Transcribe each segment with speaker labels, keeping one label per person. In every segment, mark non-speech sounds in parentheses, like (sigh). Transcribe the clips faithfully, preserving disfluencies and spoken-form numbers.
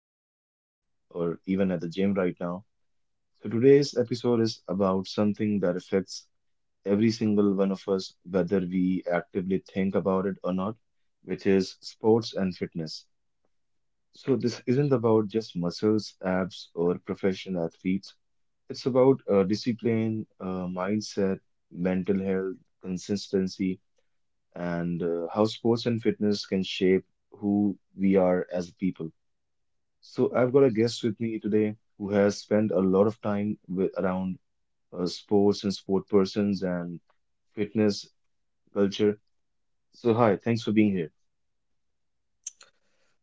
Speaker 1: driving, or even at the gym right now. So, today's episode is about something that affects every single one of us, whether we actively think about it or not, which is sports and fitness. So, this isn't about just muscles, abs, or professional athletes. It's about uh, discipline, uh, mindset, mental health, consistency and uh, how sports and fitness can shape who we are as people. So, I've got a guest with me today who has spent a lot of time with, around uh, sports and sport persons and fitness culture. So, hi, thanks for being here.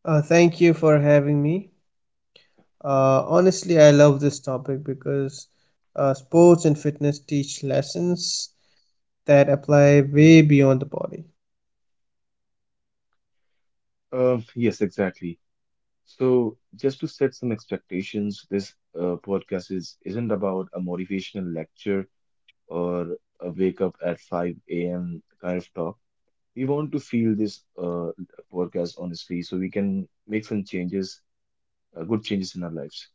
Speaker 2: Uh, thank you for having me. Uh, honestly, I love this topic because uh, sports and fitness teach lessons that apply way beyond the body.
Speaker 1: Um, yes, exactly. So, just to set some expectations, this uh, podcast is isn't about a motivational lecture or a wake up at five a m kind of talk. We want to feel this uh, podcast honestly so we can make some changes, uh, good changes in our lives.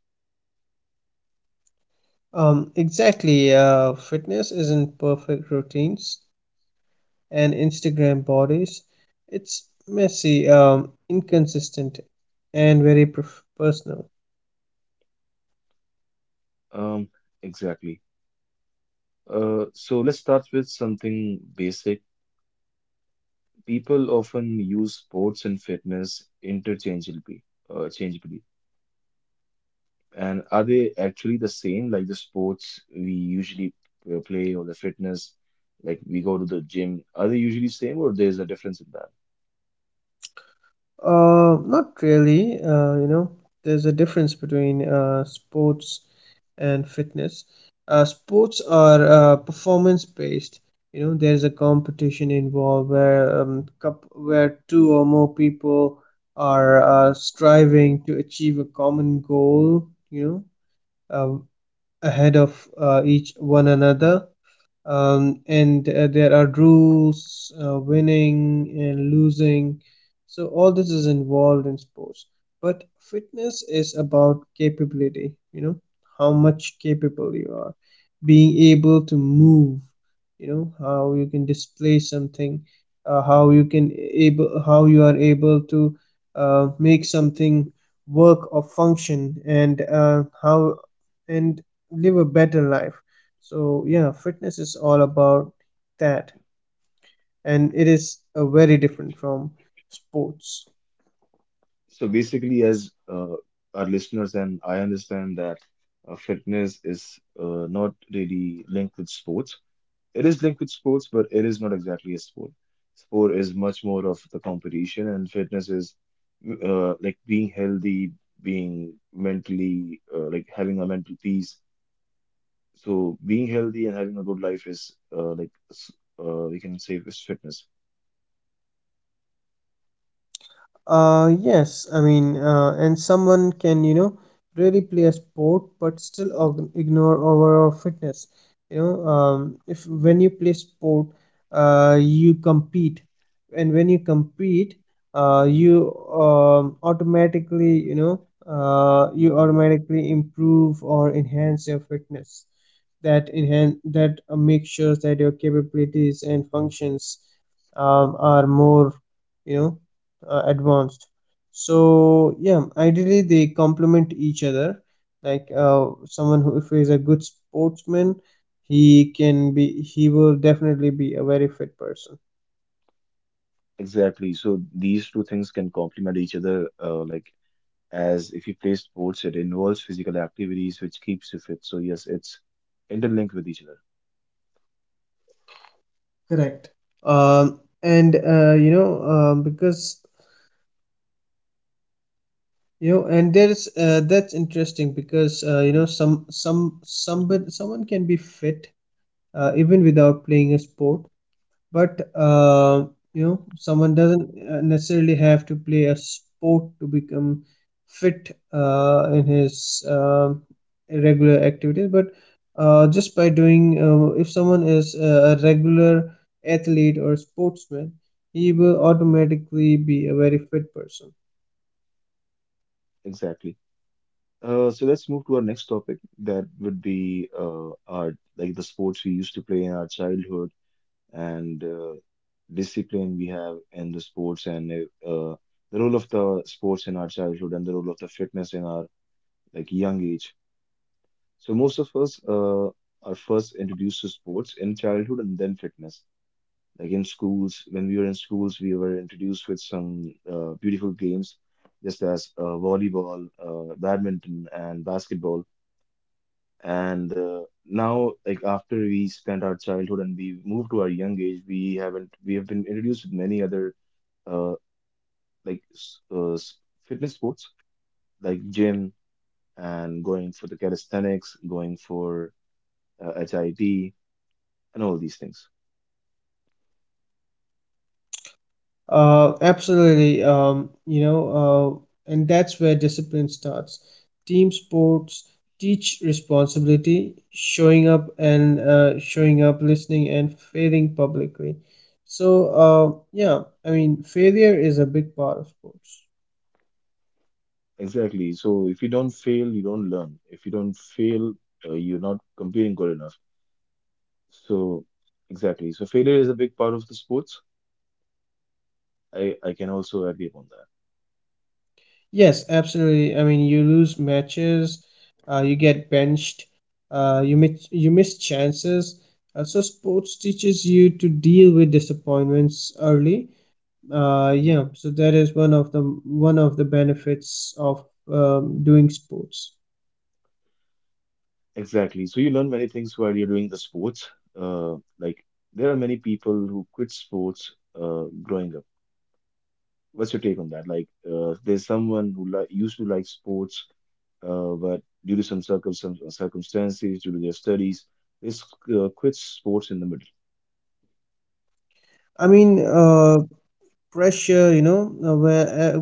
Speaker 2: Um, exactly. Uh, fitness isn't perfect routines and Instagram bodies. It's messy, um, inconsistent, and very perf- personal.
Speaker 1: um exactly. Uh, so let's start with something basic. People often use sports and fitness interchangeably, uh, changeably. And are they actually the same, like the sports we usually uh, play, or the fitness like we go to the gym? Are they usually same or there's a difference in that?
Speaker 2: Uh, not really. Uh, you know, there's a difference between uh, sports and fitness. Uh, sports are uh, performance based. You know, there's a competition involved where um, cup where two or more people are uh, striving to achieve a common goal, you know, uh, ahead of uh, each one another. Um, and uh, There are rules, uh, winning and losing. So all this is involved in sports. But fitness is about capability, you know, how much capable you are, being able to move, you know, how you can display something, uh, how you can able, how you are able to uh, make something work or function, and uh, how and live a better life. So yeah, fitness is all about that, and it is uh, very different from sports.
Speaker 1: So basically, as uh, our listeners and I understand that uh, fitness is uh, not really linked with sports. It is linked with sports, but it is not exactly a sport. Sport is much more of the competition, and fitness is mm, uh, like being healthy, being mentally uh, like having a mental peace. So being healthy and having a good life is uh, like s- uh, we can say is fitness.
Speaker 2: Uh, yes, I mean, uh, and someone can, you know, really play a sport but still og- ignore overall fitness. You know, um, if when you play sport, uh, you compete, and when you compete, uh, you um, automatically you know uh, you automatically improve or enhance your fitness, that enhance that uh, make sure that your capabilities and functions um, are more, you know, uh, advanced. So yeah, ideally they complement each other, like uh, someone who, if is a good sportsman, he can be he will definitely be a very fit person.
Speaker 1: Exactly. So these two things can complement each other, uh, like as if you play sports, it involves physical activities, which keeps you fit. So yes, it's interlinked with each other.
Speaker 2: Correct. Um and uh, you know um, because you know and there's uh, That's interesting because, uh, you know some some somebody, someone can be fit uh, even without playing a sport. But uh, you know, someone doesn't uh, necessarily have to play a sport to become fit uh, in his um regular activities. But uh, just by doing, uh, if someone is a a regular athlete or sportsman, he will automatically be a very fit person.
Speaker 1: Exactly. Uh, so let's move to our next topic. That would be uh, our, like, the sports we used to play in our childhood and uh, discipline we have in the sports and uh, the role of the sports in our childhood and the role of the fitness in our like young age. So most of us uh, are first introduced to sports in childhood and then fitness. Like in schools, when we were in schools, we were introduced with some uh, beautiful games, just as uh, volleyball, uh, badminton, and basketball and uh, now, like after we spent our childhood and we moved to our young age, we haven't we have been introduced with many other uh like s- uh, s- fitness sports like gym and going for the calisthenics, going for uh, hit and all these things.
Speaker 2: Uh, absolutely. Um, you know, uh, and that's where discipline starts. Team sports teach responsibility, showing up and uh, showing up, listening, and failing publicly. So, uh, yeah, I mean, failure is a big part of sports.
Speaker 1: Exactly. So if you don't fail, you don't learn. If you don't fail, uh, you're not competing good enough. So exactly. So failure is a big part of the sports. I I can also agree upon.
Speaker 2: Yes, absolutely. I mean, you lose matches, uh, you get benched, uh, you miss you miss chances. Uh, so sports teaches you to deal with disappointments early. Uh, yeah, so that is one of the one of the benefits of um, doing sports.
Speaker 1: Exactly. So you learn many things while you're doing the sports. Uh, like there are many people who quit sports uh, growing up. What's your take on that? Like uh, there's someone who li used to like sports, uh, but due to some circum some circumstances, due to their studies, they s- uh, quit sports in the middle.
Speaker 2: I mean,
Speaker 1: So
Speaker 2: uh, pressure, you know, uh, where uh,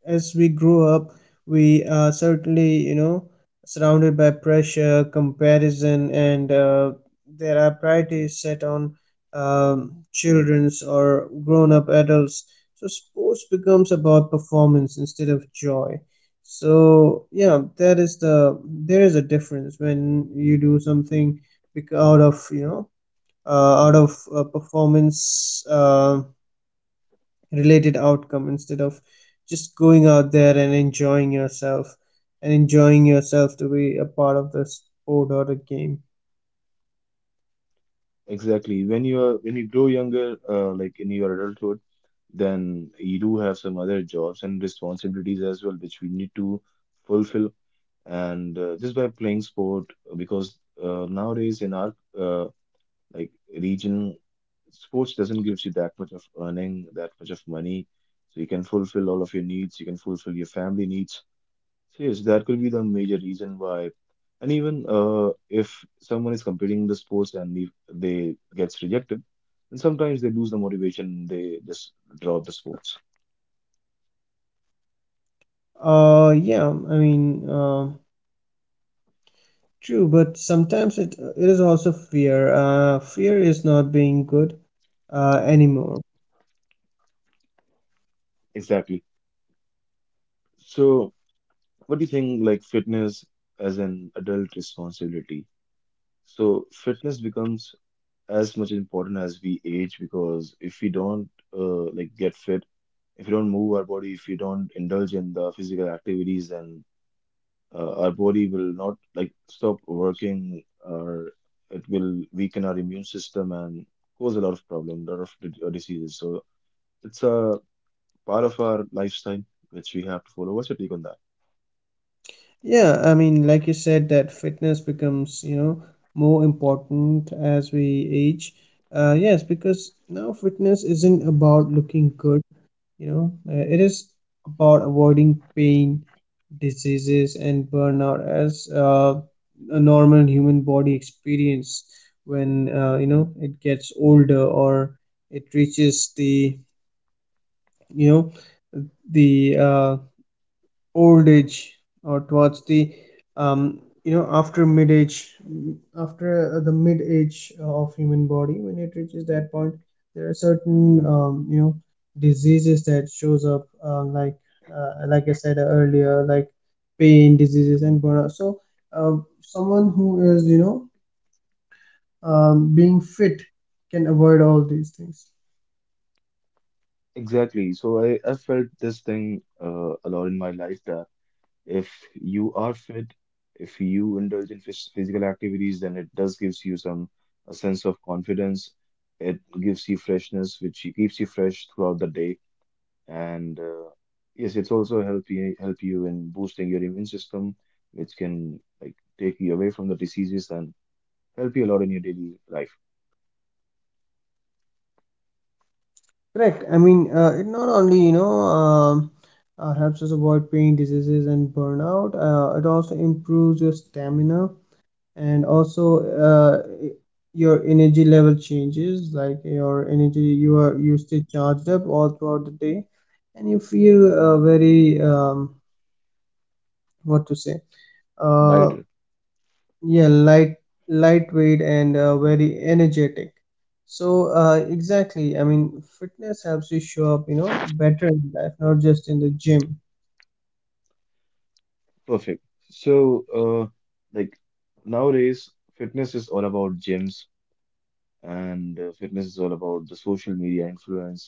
Speaker 2: as we grow up, we are certainly, you know, surrounded by pressure, comparison, and uh, there are priorities set on um, children's or grown-up adults. So sports becomes about performance instead of joy. So yeah, that is the there is a difference when you do something bec- out of, you know, uh, out of uh, performance uh, related outcome instead of just going out there and enjoying yourself and enjoying yourself to be a part of the sport or the game.
Speaker 1: exactly, when you're when you grow younger, uh, like in your adulthood, then you do have some other jobs and responsibilities as well, which we need to fulfill. And uh, just by playing sport, uh, because uh, nowadays in our uh, like region, sports doesn't give you that much of earning, that much of money, so you can fulfill all of your needs, you can fulfill your family needs. So yes, that could be the major reason why. And even uh, if someone is competing in the sports and if they gets rejected, then sometimes they lose the motivation, they just drop the sports.
Speaker 2: Uh, yeah, I mean, uh, true, but sometimes it, it is also fear. Uh, fear is not being good uh, anymore.
Speaker 1: Exactly. So what do you think, like fitness as an adult responsibility? So fitness becomes as much important as we age, because if we don't uh, like get fit, if we don't move our body, if we don't indulge in the physical activities, then uh, our body will not like stop working or it will weaken our immune system and cause a lot of problem, lot of d- uh, diseases. So it's a part of our lifestyle which we have to follow. What's your take on that?
Speaker 2: Yeah, I mean, like you said, that fitness becomes, you know, more important as we age. Uh, yes, because now fitness isn't about looking good, you know. Uh, it is about avoiding pain, diseases, and burnout, as uh, a normal human body experience when uh, you know, it gets older, or it reaches the, you know, the uh, old age, or towards the um, you know, after mid age, after uh, the mid age of human body. When it reaches that point, there are certain, um, you know, diseases that shows up, uh, like uh, like I said earlier, like pain, diseases, and burnout. So uh, someone who is, you know, um, being fit can avoid all these things.
Speaker 1: Exactly. So I, I felt this thing uh, a lot in my life that if you are fit, if you indulge in phys- physical activities, then it does gives you some a sense of confidence. It gives you freshness, which you- keeps you fresh throughout the day. And uh, yes, it's also help you help you in boosting your immune system, which can like take you away from the diseases and help you a lot in your daily life.
Speaker 2: Correct. I mean, uh, it not only, you know, um, uh, helps us avoid pain, diseases, and burnout, uh, it also improves your stamina, and also uh, your energy level changes. Like your energy, you are you stay charged up all throughout the day, and you feel uh, very um, what to say, uh,
Speaker 1: Lighter,
Speaker 2: yeah, light, lightweight and uh, very energetic. So, uh, exactly. I mean, fitness helps you show up, you know, better in life, not just in the gym.
Speaker 1: perfect. So, uh, like nowadays, fitness is all about gyms and uh, fitness is all about the social media influence.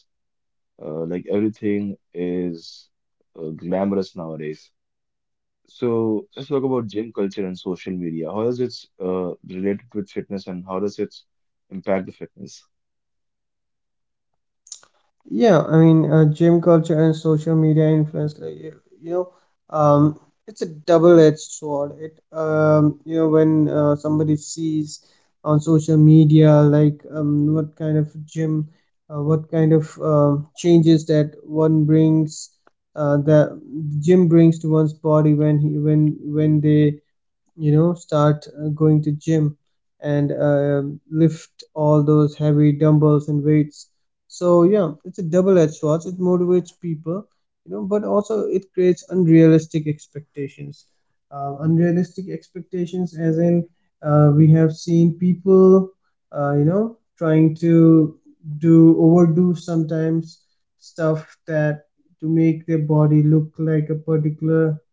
Speaker 1: Uh, like everything is uh, glamorous nowadays. So let's talk about gym culture and social media. How does it uh, related with fitness and how does it impact the fitness?
Speaker 2: Yeah, I mean, uh, gym culture and social media influence, like, y- you know, um, it's a double-edged sword. It, um, you know, when uh, somebody sees on social media, like, um, what kind of gym, uh, what kind of um changes that one brings, uh, the the gym brings to one's body when he when when they, you know, start uh, going to gym, and uh, lift all those heavy dumbbells and weights. So yeah, it's a double-edged sword. It motivates people, you know, but also it creates unrealistic expectations. Uh, unrealistic expectations as in, uh, we have seen people uh, you know, trying to do overdo sometimes stuff that to make their body look like a particular,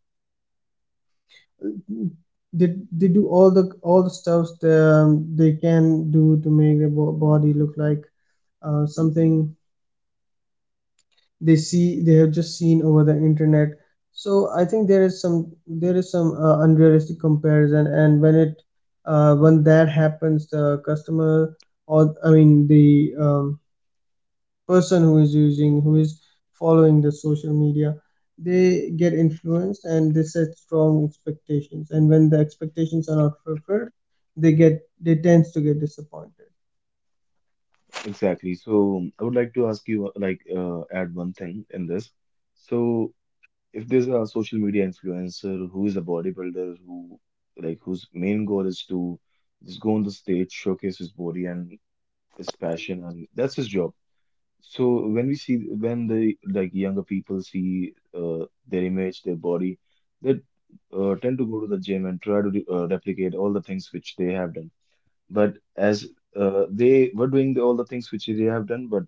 Speaker 2: they they do all the all the stuffs that, um, they can do to make their bo- body look like uh, something they see they have just seen over the internet. So I think there is some, there is some uh, unrealistic comparison, and when it uh, when that happens, the customer, or I mean the, um, person who is using, who is following the social media, they get influenced, and they set strong expectations, and when the expectations are not fulfilled, they get they tends to get disappointed.
Speaker 1: Exactly. So I would like to ask you, uh, like, uh, add one thing in this. So if there's a social media influencer who is a bodybuilder who, like, whose main goal is to just go on the stage, showcase his body and his passion, and that's his job. So when we see, when the like younger people see uh, their image, their body, they uh, tend to go to the gym and try to re- uh, replicate all the things which they have done. But as uh, they were doing the, all the things which they have done, but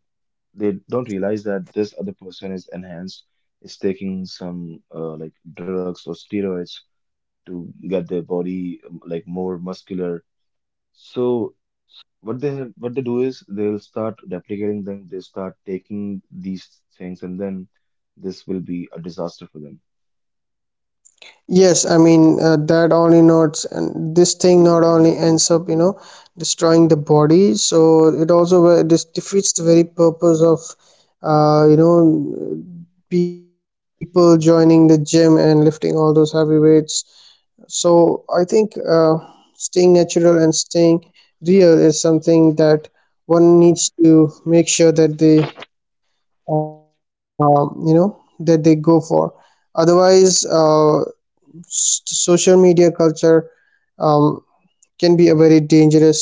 Speaker 1: they don't realize that this other person is enhanced, is taking some uh, like drugs or steroids to get their body um, like more muscular. So what they have, what they do is they'll start replicating them. They start taking these things, and then this will be a disaster for them.
Speaker 2: Yes, I mean, uh, that only not, and this thing not only ends up, you know, destroying the body. So it also ve- this defeats the very purpose of, uh, you know, people joining the gym and lifting all those heavy weights. So I think uh, staying natural and staying real is something that one needs to make sure that they, um, you know, that they go for. Otherwise, uh, s- social media culture, um, can be a very dangerous,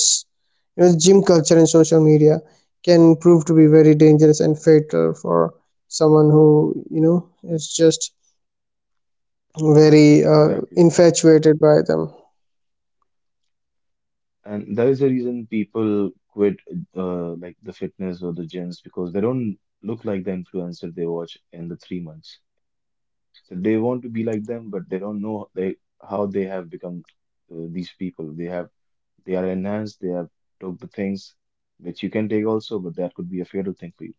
Speaker 2: you know, gym culture and social media can prove to be very dangerous and fatal for someone who, you know, is just very uh,
Speaker 1: Exactly.
Speaker 2: infatuated by them.
Speaker 1: And that is the reason people quit, uh, like the fitness or the gyms, because they don't look like the influencer they watch in the three months. So they want to be like them, but they don't know they how they have become uh, these people. They have they are enhanced. They have took the things which you can take also, but that could be a fatal thing for you.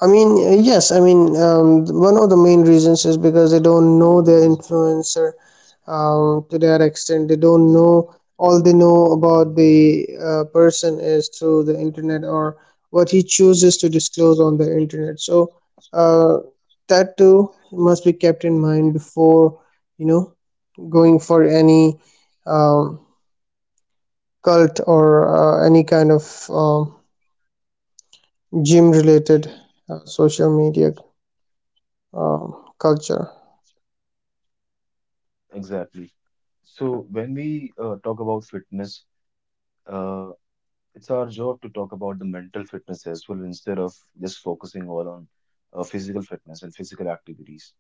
Speaker 2: I mean, uh, yes, I mean, um, one of the main reasons is because they don't know their influencer um, to that extent. They don't know, all they know about the uh, person is through the internet, or what he chooses to disclose on the internet. So, uh, that too must be kept in mind before, you know, going for any um, cult, or uh, any kind of um, gym related uh, social media um, culture.
Speaker 1: Exactly. So when we uh, talk about fitness, uh, it's our job to talk about the mental fitness as well, instead of just focusing all on uh, physical fitness and physical activities.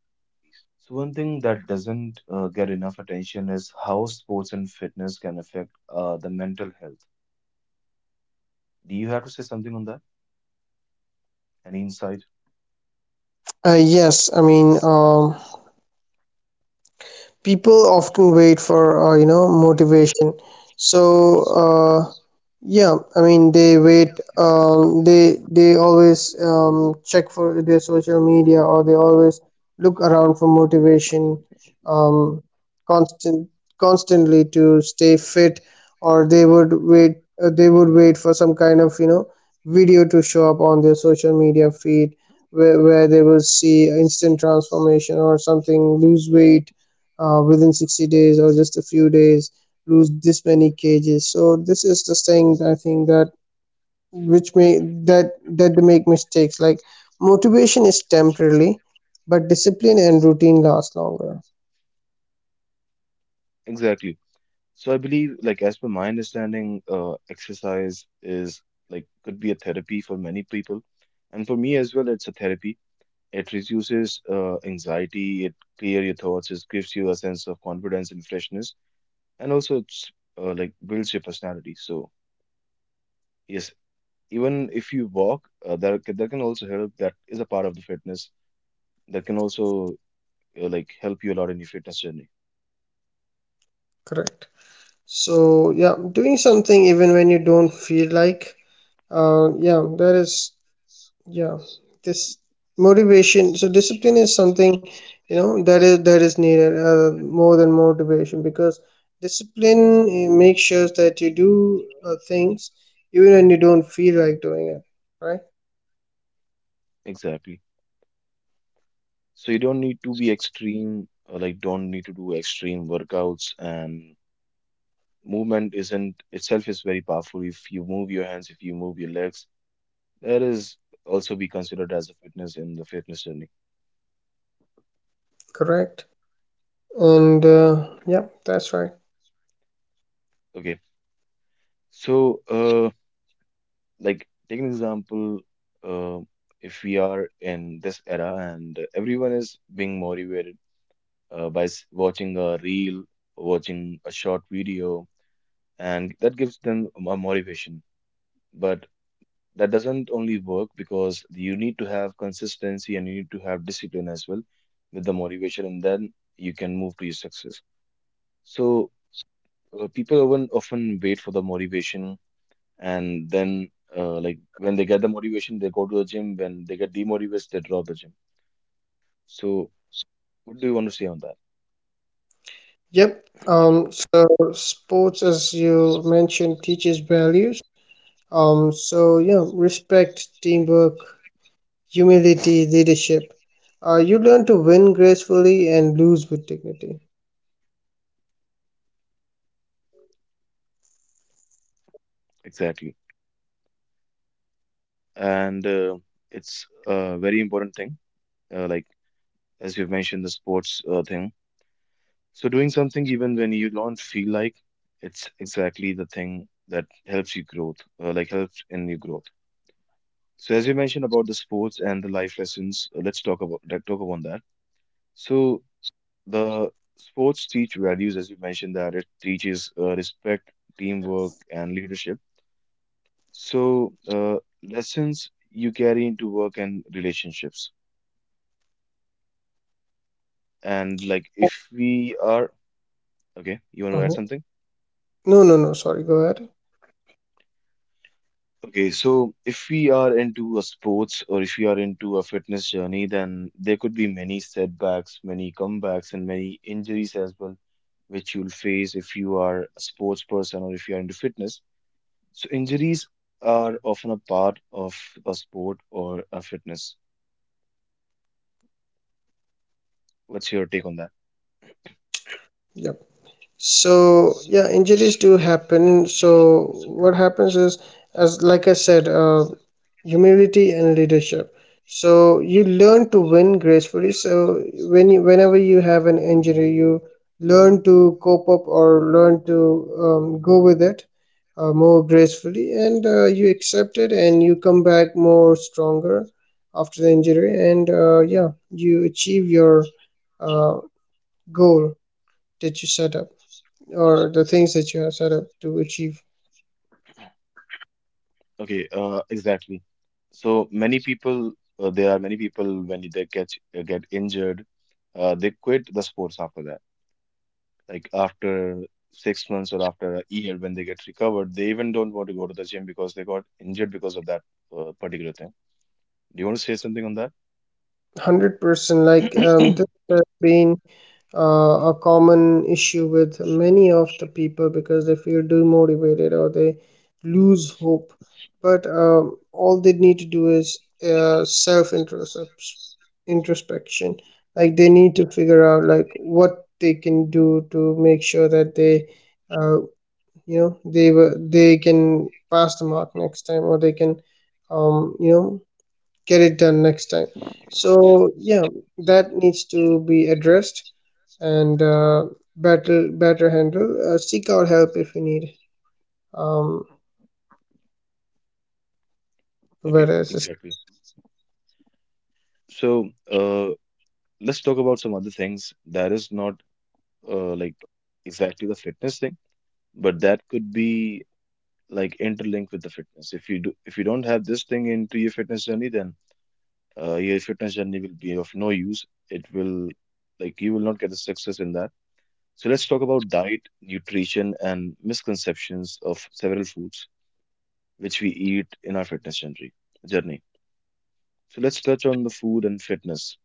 Speaker 1: So one thing that doesn't uh, get enough attention is how sports and fitness can affect uh, the mental health. Do you have to say something on that? Any insight?
Speaker 2: Uh, yes, I mean, um, people often wait for, uh, you know, motivation. So uh, yeah, I mean, they wait. Um, they they always um, check for their social media, or they always look around for motivation, um, constant constantly to stay fit, or they would wait. Uh, they would wait for some kind of, you know, video to show up on their social media feed, where where they will see instant transformation or something, lose weight uh, within sixty days, or just a few days, lose this many cages. So this is the thing that I think that, which may that that they make mistakes. Like, motivation is temporarily, but discipline and routine last longer.
Speaker 1: Exactly. So I believe, like as per my understanding, uh, exercise is like could be a therapy for many people, and for me as well, it's a therapy. It reduces uh, anxiety, it clears your thoughts, it gives you a sense of confidence and freshness, and also it's uh, like builds your personality. So yes, even if you walk, uh, that c- that can also help. That is a part of the fitness that can also uh, like help you a lot in your fitness journey.
Speaker 2: Correct. So yeah, doing something even when you don't feel like, uh yeah that is yeah, this motivation. So discipline is something, you know, that is that is needed uh, more than motivation, because discipline, eh, makes sure that you do uh, things even when you don't feel like doing it. Right?
Speaker 1: Exactly. So you don't need to be extreme, uh, like don't need to do extreme workouts, and movement isn't itself is very powerful. If you move your hands, if you move your legs, that is also be considered as a fitness in the fitness journey.
Speaker 2: Correct. And uh, yep, that's right.
Speaker 1: Okay, so uh, like take an example, uh, if we are in this era and everyone is being motivated uh, by s- watching a reel, watching a short video, and that gives them a motivation. But that doesn't only work, because you need to have consistency and you need to have discipline as well with the motivation, and then you can move to your success. So uh, people often often wait for the motivation, and then uh, like when they get the motivation they go to the gym, when they get demotivated they drop the gym. So what do you want to say on that?
Speaker 2: Yep. Um. So sports, as you mentioned, teaches values. Um. So yeah, respect, teamwork, humility, leadership. Uh, you learn to win gracefully and lose with dignity.
Speaker 1: Exactly. And uh, it's a very important thing, uh, like as you've mentioned the sports uh, thing, so doing something even when you don't feel like, it's exactly the thing that helps you growth, uh, like helps in your growth. So as you mentioned about the sports and the life lessons, uh, let's talk about let talk about that. So the sports teach values, as you mentioned, that it teaches uh, respect, teamwork, and leadership. So, uh, lessons you carry into work and relationships. And like, if we are, okay, you want to add
Speaker 2: Uh-huh.
Speaker 1: something?
Speaker 2: No, no, no. Sorry. Go ahead.
Speaker 1: Okay, so if we are into a sports or if you are into a fitness journey, then there could be many setbacks, many comebacks, and many injuries as well, which you'll face if you are a sports person or if you are into fitness. So injuries are often a part of a sport or a fitness. What's your take on that?
Speaker 2: Yep. So yeah, injuries do happen. So what happens is, as like I said, uh, humility and leadership. So you learn to win gracefully. So when you, whenever you have an injury, you learn to cope up or learn to um, go with it uh, more gracefully, and uh, you accept it, and you come back more stronger after the injury, and uh, yeah, you achieve your uh, goal that you set up or the things that you are set up to achieve.
Speaker 1: Okay, uh, exactly. So many people, uh, there are many people when they catch uh, get injured, uh, they quit the sports after that. Like after six months or after a year, when they get recovered, they even don't want to go to the gym because they got injured because of that uh, particular thing. Do you want to say something on that?
Speaker 2: one hundred percent like um, this has been uh, a common issue with many of the people because they feel demotivated or they lose hope, but um, all they need to do is uh, self introspection. Like, they need to figure out like what they can do to make sure that they uh, you know they were they can pass the mark next time, or they can um, you know get it done next time. So yeah, that needs to be addressed, and uh, better better handle, uh, seek out help if you need um
Speaker 1: Okay,
Speaker 2: better assist.
Speaker 1: exactly. So uh, let's talk about some other things that is not uh, like exactly the fitness thing, but that could be like interlinked with the fitness. If you do, if you don't have this thing into your fitness journey, then uh, your fitness journey will be of no use. It will like you will not get the success in that. So let's talk about diet, nutrition, and misconceptions of several foods which we eat in our fitness journey. Journey. So let's touch on the food and fitness.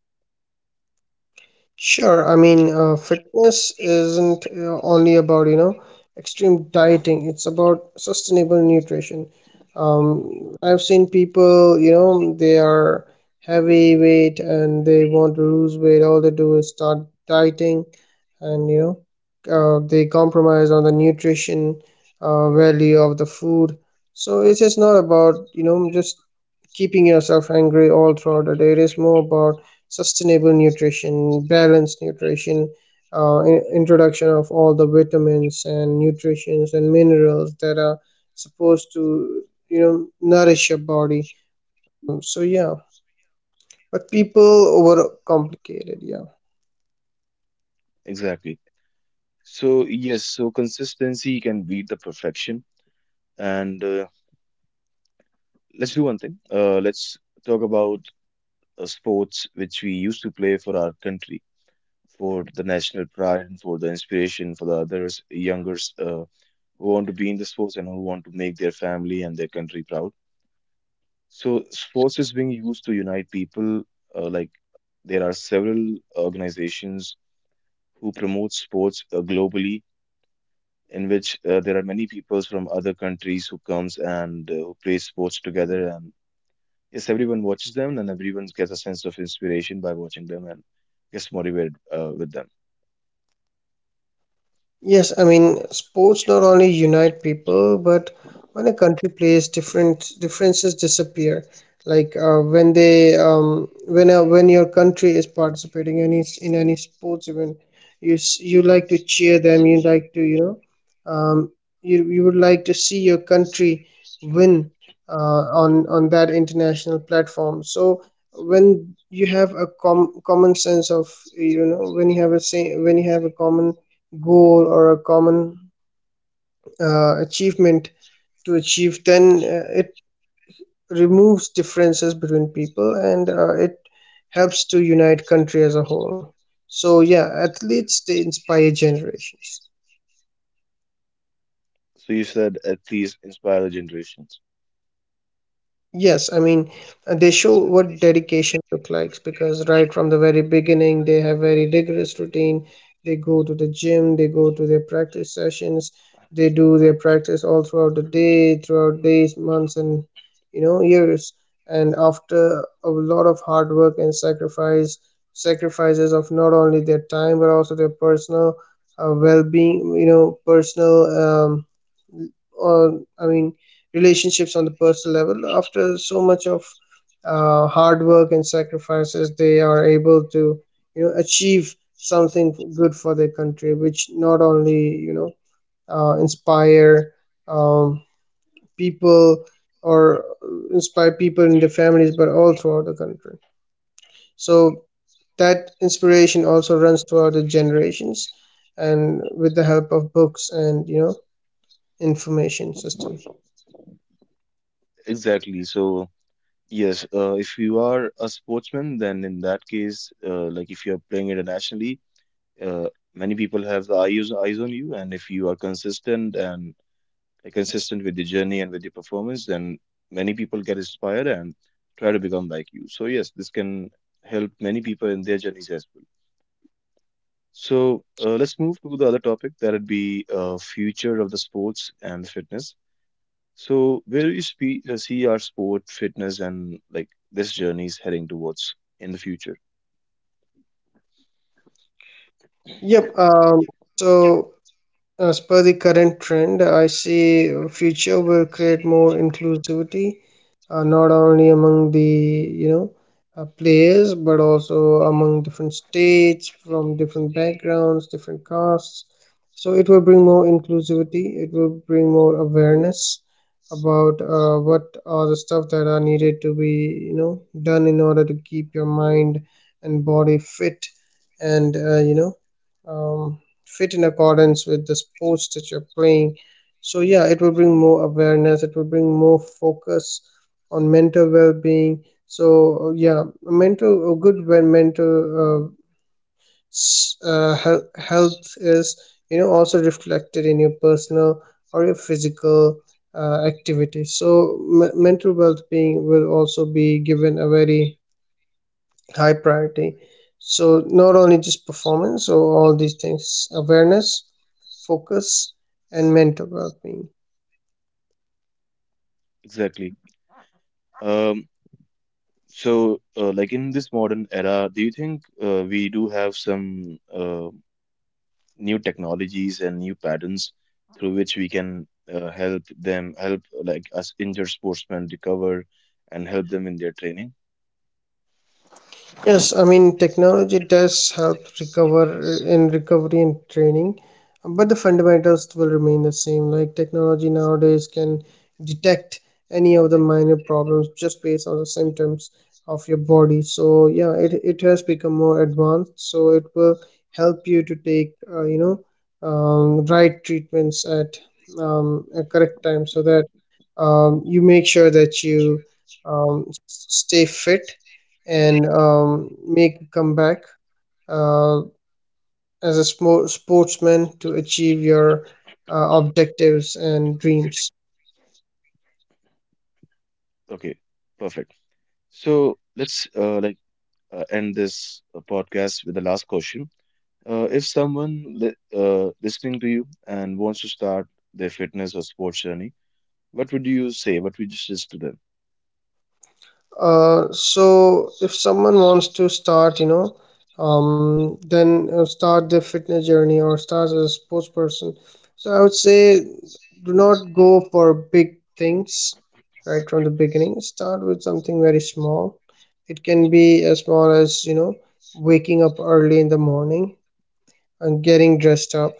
Speaker 2: Sure, I mean, uh, fitness isn't uh, only about, you know, extreme dieting. It's about sustainable nutrition. um I've seen people, you know, they are heavy weight and they want to lose weight. All they do is start dieting, and, you know, uh, they compromise on the nutrition uh, value of the food. So it's just not about, you know, just keeping yourself hungry all throughout the day. It is more about sustainable nutrition, balanced nutrition, uh, in- introduction of all the vitamins and nutritions and minerals that are supposed to, you know, nourish your body. So yeah, but people overcomplicate it, yeah.
Speaker 1: Exactly. So yes, so consistency can beat the perfection, and uh, let's do one thing. Uh, let's talk about uh, sports which we used to play for our country, for the national pride, and for the inspiration for the others, youngers uh, who want to be in the sports and who want to make their family and their country proud. So, sports is being used to unite people. Uh, like there are several organizations who promote sports uh, globally, in which uh, there are many peoples from other countries who comes and uh, who play sports together, and yes everyone watches them and everyone gets a sense of inspiration by watching them and gets motivated uh, with them.
Speaker 2: Yes, I mean, sports not only unite people, but when a country plays, different differences disappear. Like uh, when they, um, when a, when your country is participating in any in any sports event, you s- you like to cheer them. You like to, you know, um, you you would like to see your country win uh, on on that international platform. So when you have a com- common sense of, you know, when you have a say, when you have a common goal or a common uh, achievement to achieve, then uh, it removes differences between people, and uh, it helps to unite country as a whole. So yeah, athletes, they inspire generations.
Speaker 1: So you said athletes inspire the generations.
Speaker 2: Yes, I mean, uh, they show what dedication look like, because right from the very beginning, they have very rigorous routine. They go to the gym, they go to their practice sessions, they do their practice all throughout the day, throughout days, months, and, you know, years. And after a lot of hard work and sacrifice, sacrifices of not only their time but also their personal uh, well-being, you know, personal um, or I mean relationships on the personal level. After so much of uh, hard work and sacrifices, they are able to, you know, achieve something good for their country, which not only, you know, uh, inspire um, people or uh, inspire people in their families, but all throughout the country. So that inspiration also runs throughout the generations, and with the help of books and, you know, information system.
Speaker 1: Exactly. So yes, uh, if you are a sportsman, then in that case, uh, like if you're playing internationally, uh, many people have the eyes, eyes on you, and if you are consistent and uh, consistent with the journey and with your performance, then many people get inspired and try to become like you. So yes, this can help many people in their journeys as well. So uh, let's move to the other topic, that'd be uh, future of the sports and fitness. So where do you spe- uh, see our sport, fitness, and like this journey is heading towards in the future?
Speaker 2: Yep. Um, Yep. So as per the current trend, I see a future will create more inclusivity, uh, not only among the, you know, uh, players, but also among different states from different backgrounds, different castes. So it will bring more inclusivity. It will bring more awareness about uh, what are the stuff that are needed to be, you know, done in order to keep your mind and body fit, and uh, you know um, fit in accordance with the sports that you're playing. So, yeah, it will bring more awareness, it will bring more focus on mental well being. So, yeah, mental, a good when mental uh, s- uh, health, health is, you know, also reflected in your personal or your physical uh, activities. So, m- mental well being will also be given a very high priority. So not only just performance, so all these things: awareness, focus, and mental well-being.
Speaker 1: Exactly. Um, so uh, like in this modern era, do you think uh, we do have some uh, new technologies and new patterns through which we can uh, help them, help like us injured sportsmen recover and help them in their training?
Speaker 2: Yes, I mean, technology does help recover in recovery and training, but the fundamentals will remain the same. Like, technology nowadays can detect any of the minor problems just based on the symptoms of your body. So, yeah, it, it has become more advanced, so it will help you to take, uh, you know, um, right treatments at um, a correct time, so that um, you make sure that you um, s- stay fit and um, make a comeback uh, as a smo- sportsman to achieve your uh, objectives and dreams.
Speaker 1: Okay, perfect. So let's uh, like uh, end this uh, podcast with the last question. Uh, if someone li uh, listening to you and wants to start their fitness or sports journey, what would you say? What would you suggest to them?
Speaker 2: Uh, so if someone wants to start, you know, um, then uh, start their fitness journey or start as a sports person. So I would say, do not go for big things right from the beginning. Start with something very small. It can be as small as, you know, waking up early in the morning, uh, getting dressed up,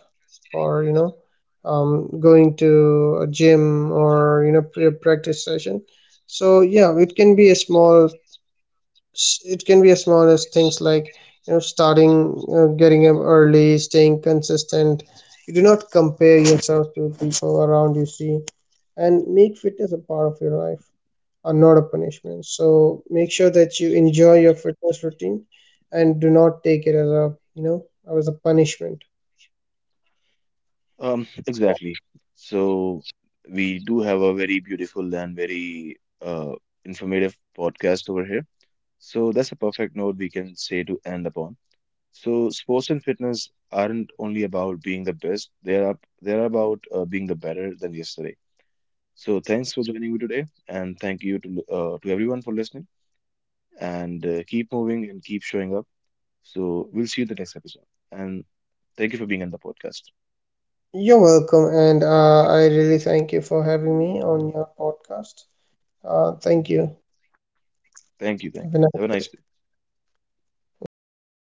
Speaker 2: or, you know, um, going to a gym, or, you know, pre- practice session. So yeah, it can be a small, it can be as small as things like, you know, starting uh, getting up early, staying consistent. You do not compare yourself to people around you, see, and make fitness a part of your life, are not a punishment. So make sure that you enjoy your fitness routine and do not take it as a, you know, as a punishment.
Speaker 1: Um, (laughs) exactly. So we do have a very beautiful and very uh, informative podcast over here. So that's a perfect note we can say to end upon. So sports and fitness aren't only about being the best; they are they are about uh, being the better than yesterday. So thanks for joining me today, and thank you to uh, to everyone for listening. And uh, keep moving and keep showing up. So we'll see you in the next episode. And thank you for being on the podcast.
Speaker 2: You're welcome, and uh, I really thank you for having me on your podcast. Uh, thank you.
Speaker 1: Thank you. Thank you.
Speaker 2: Have a
Speaker 1: Have a nice
Speaker 2: nice-
Speaker 1: day.
Speaker 2: Bye.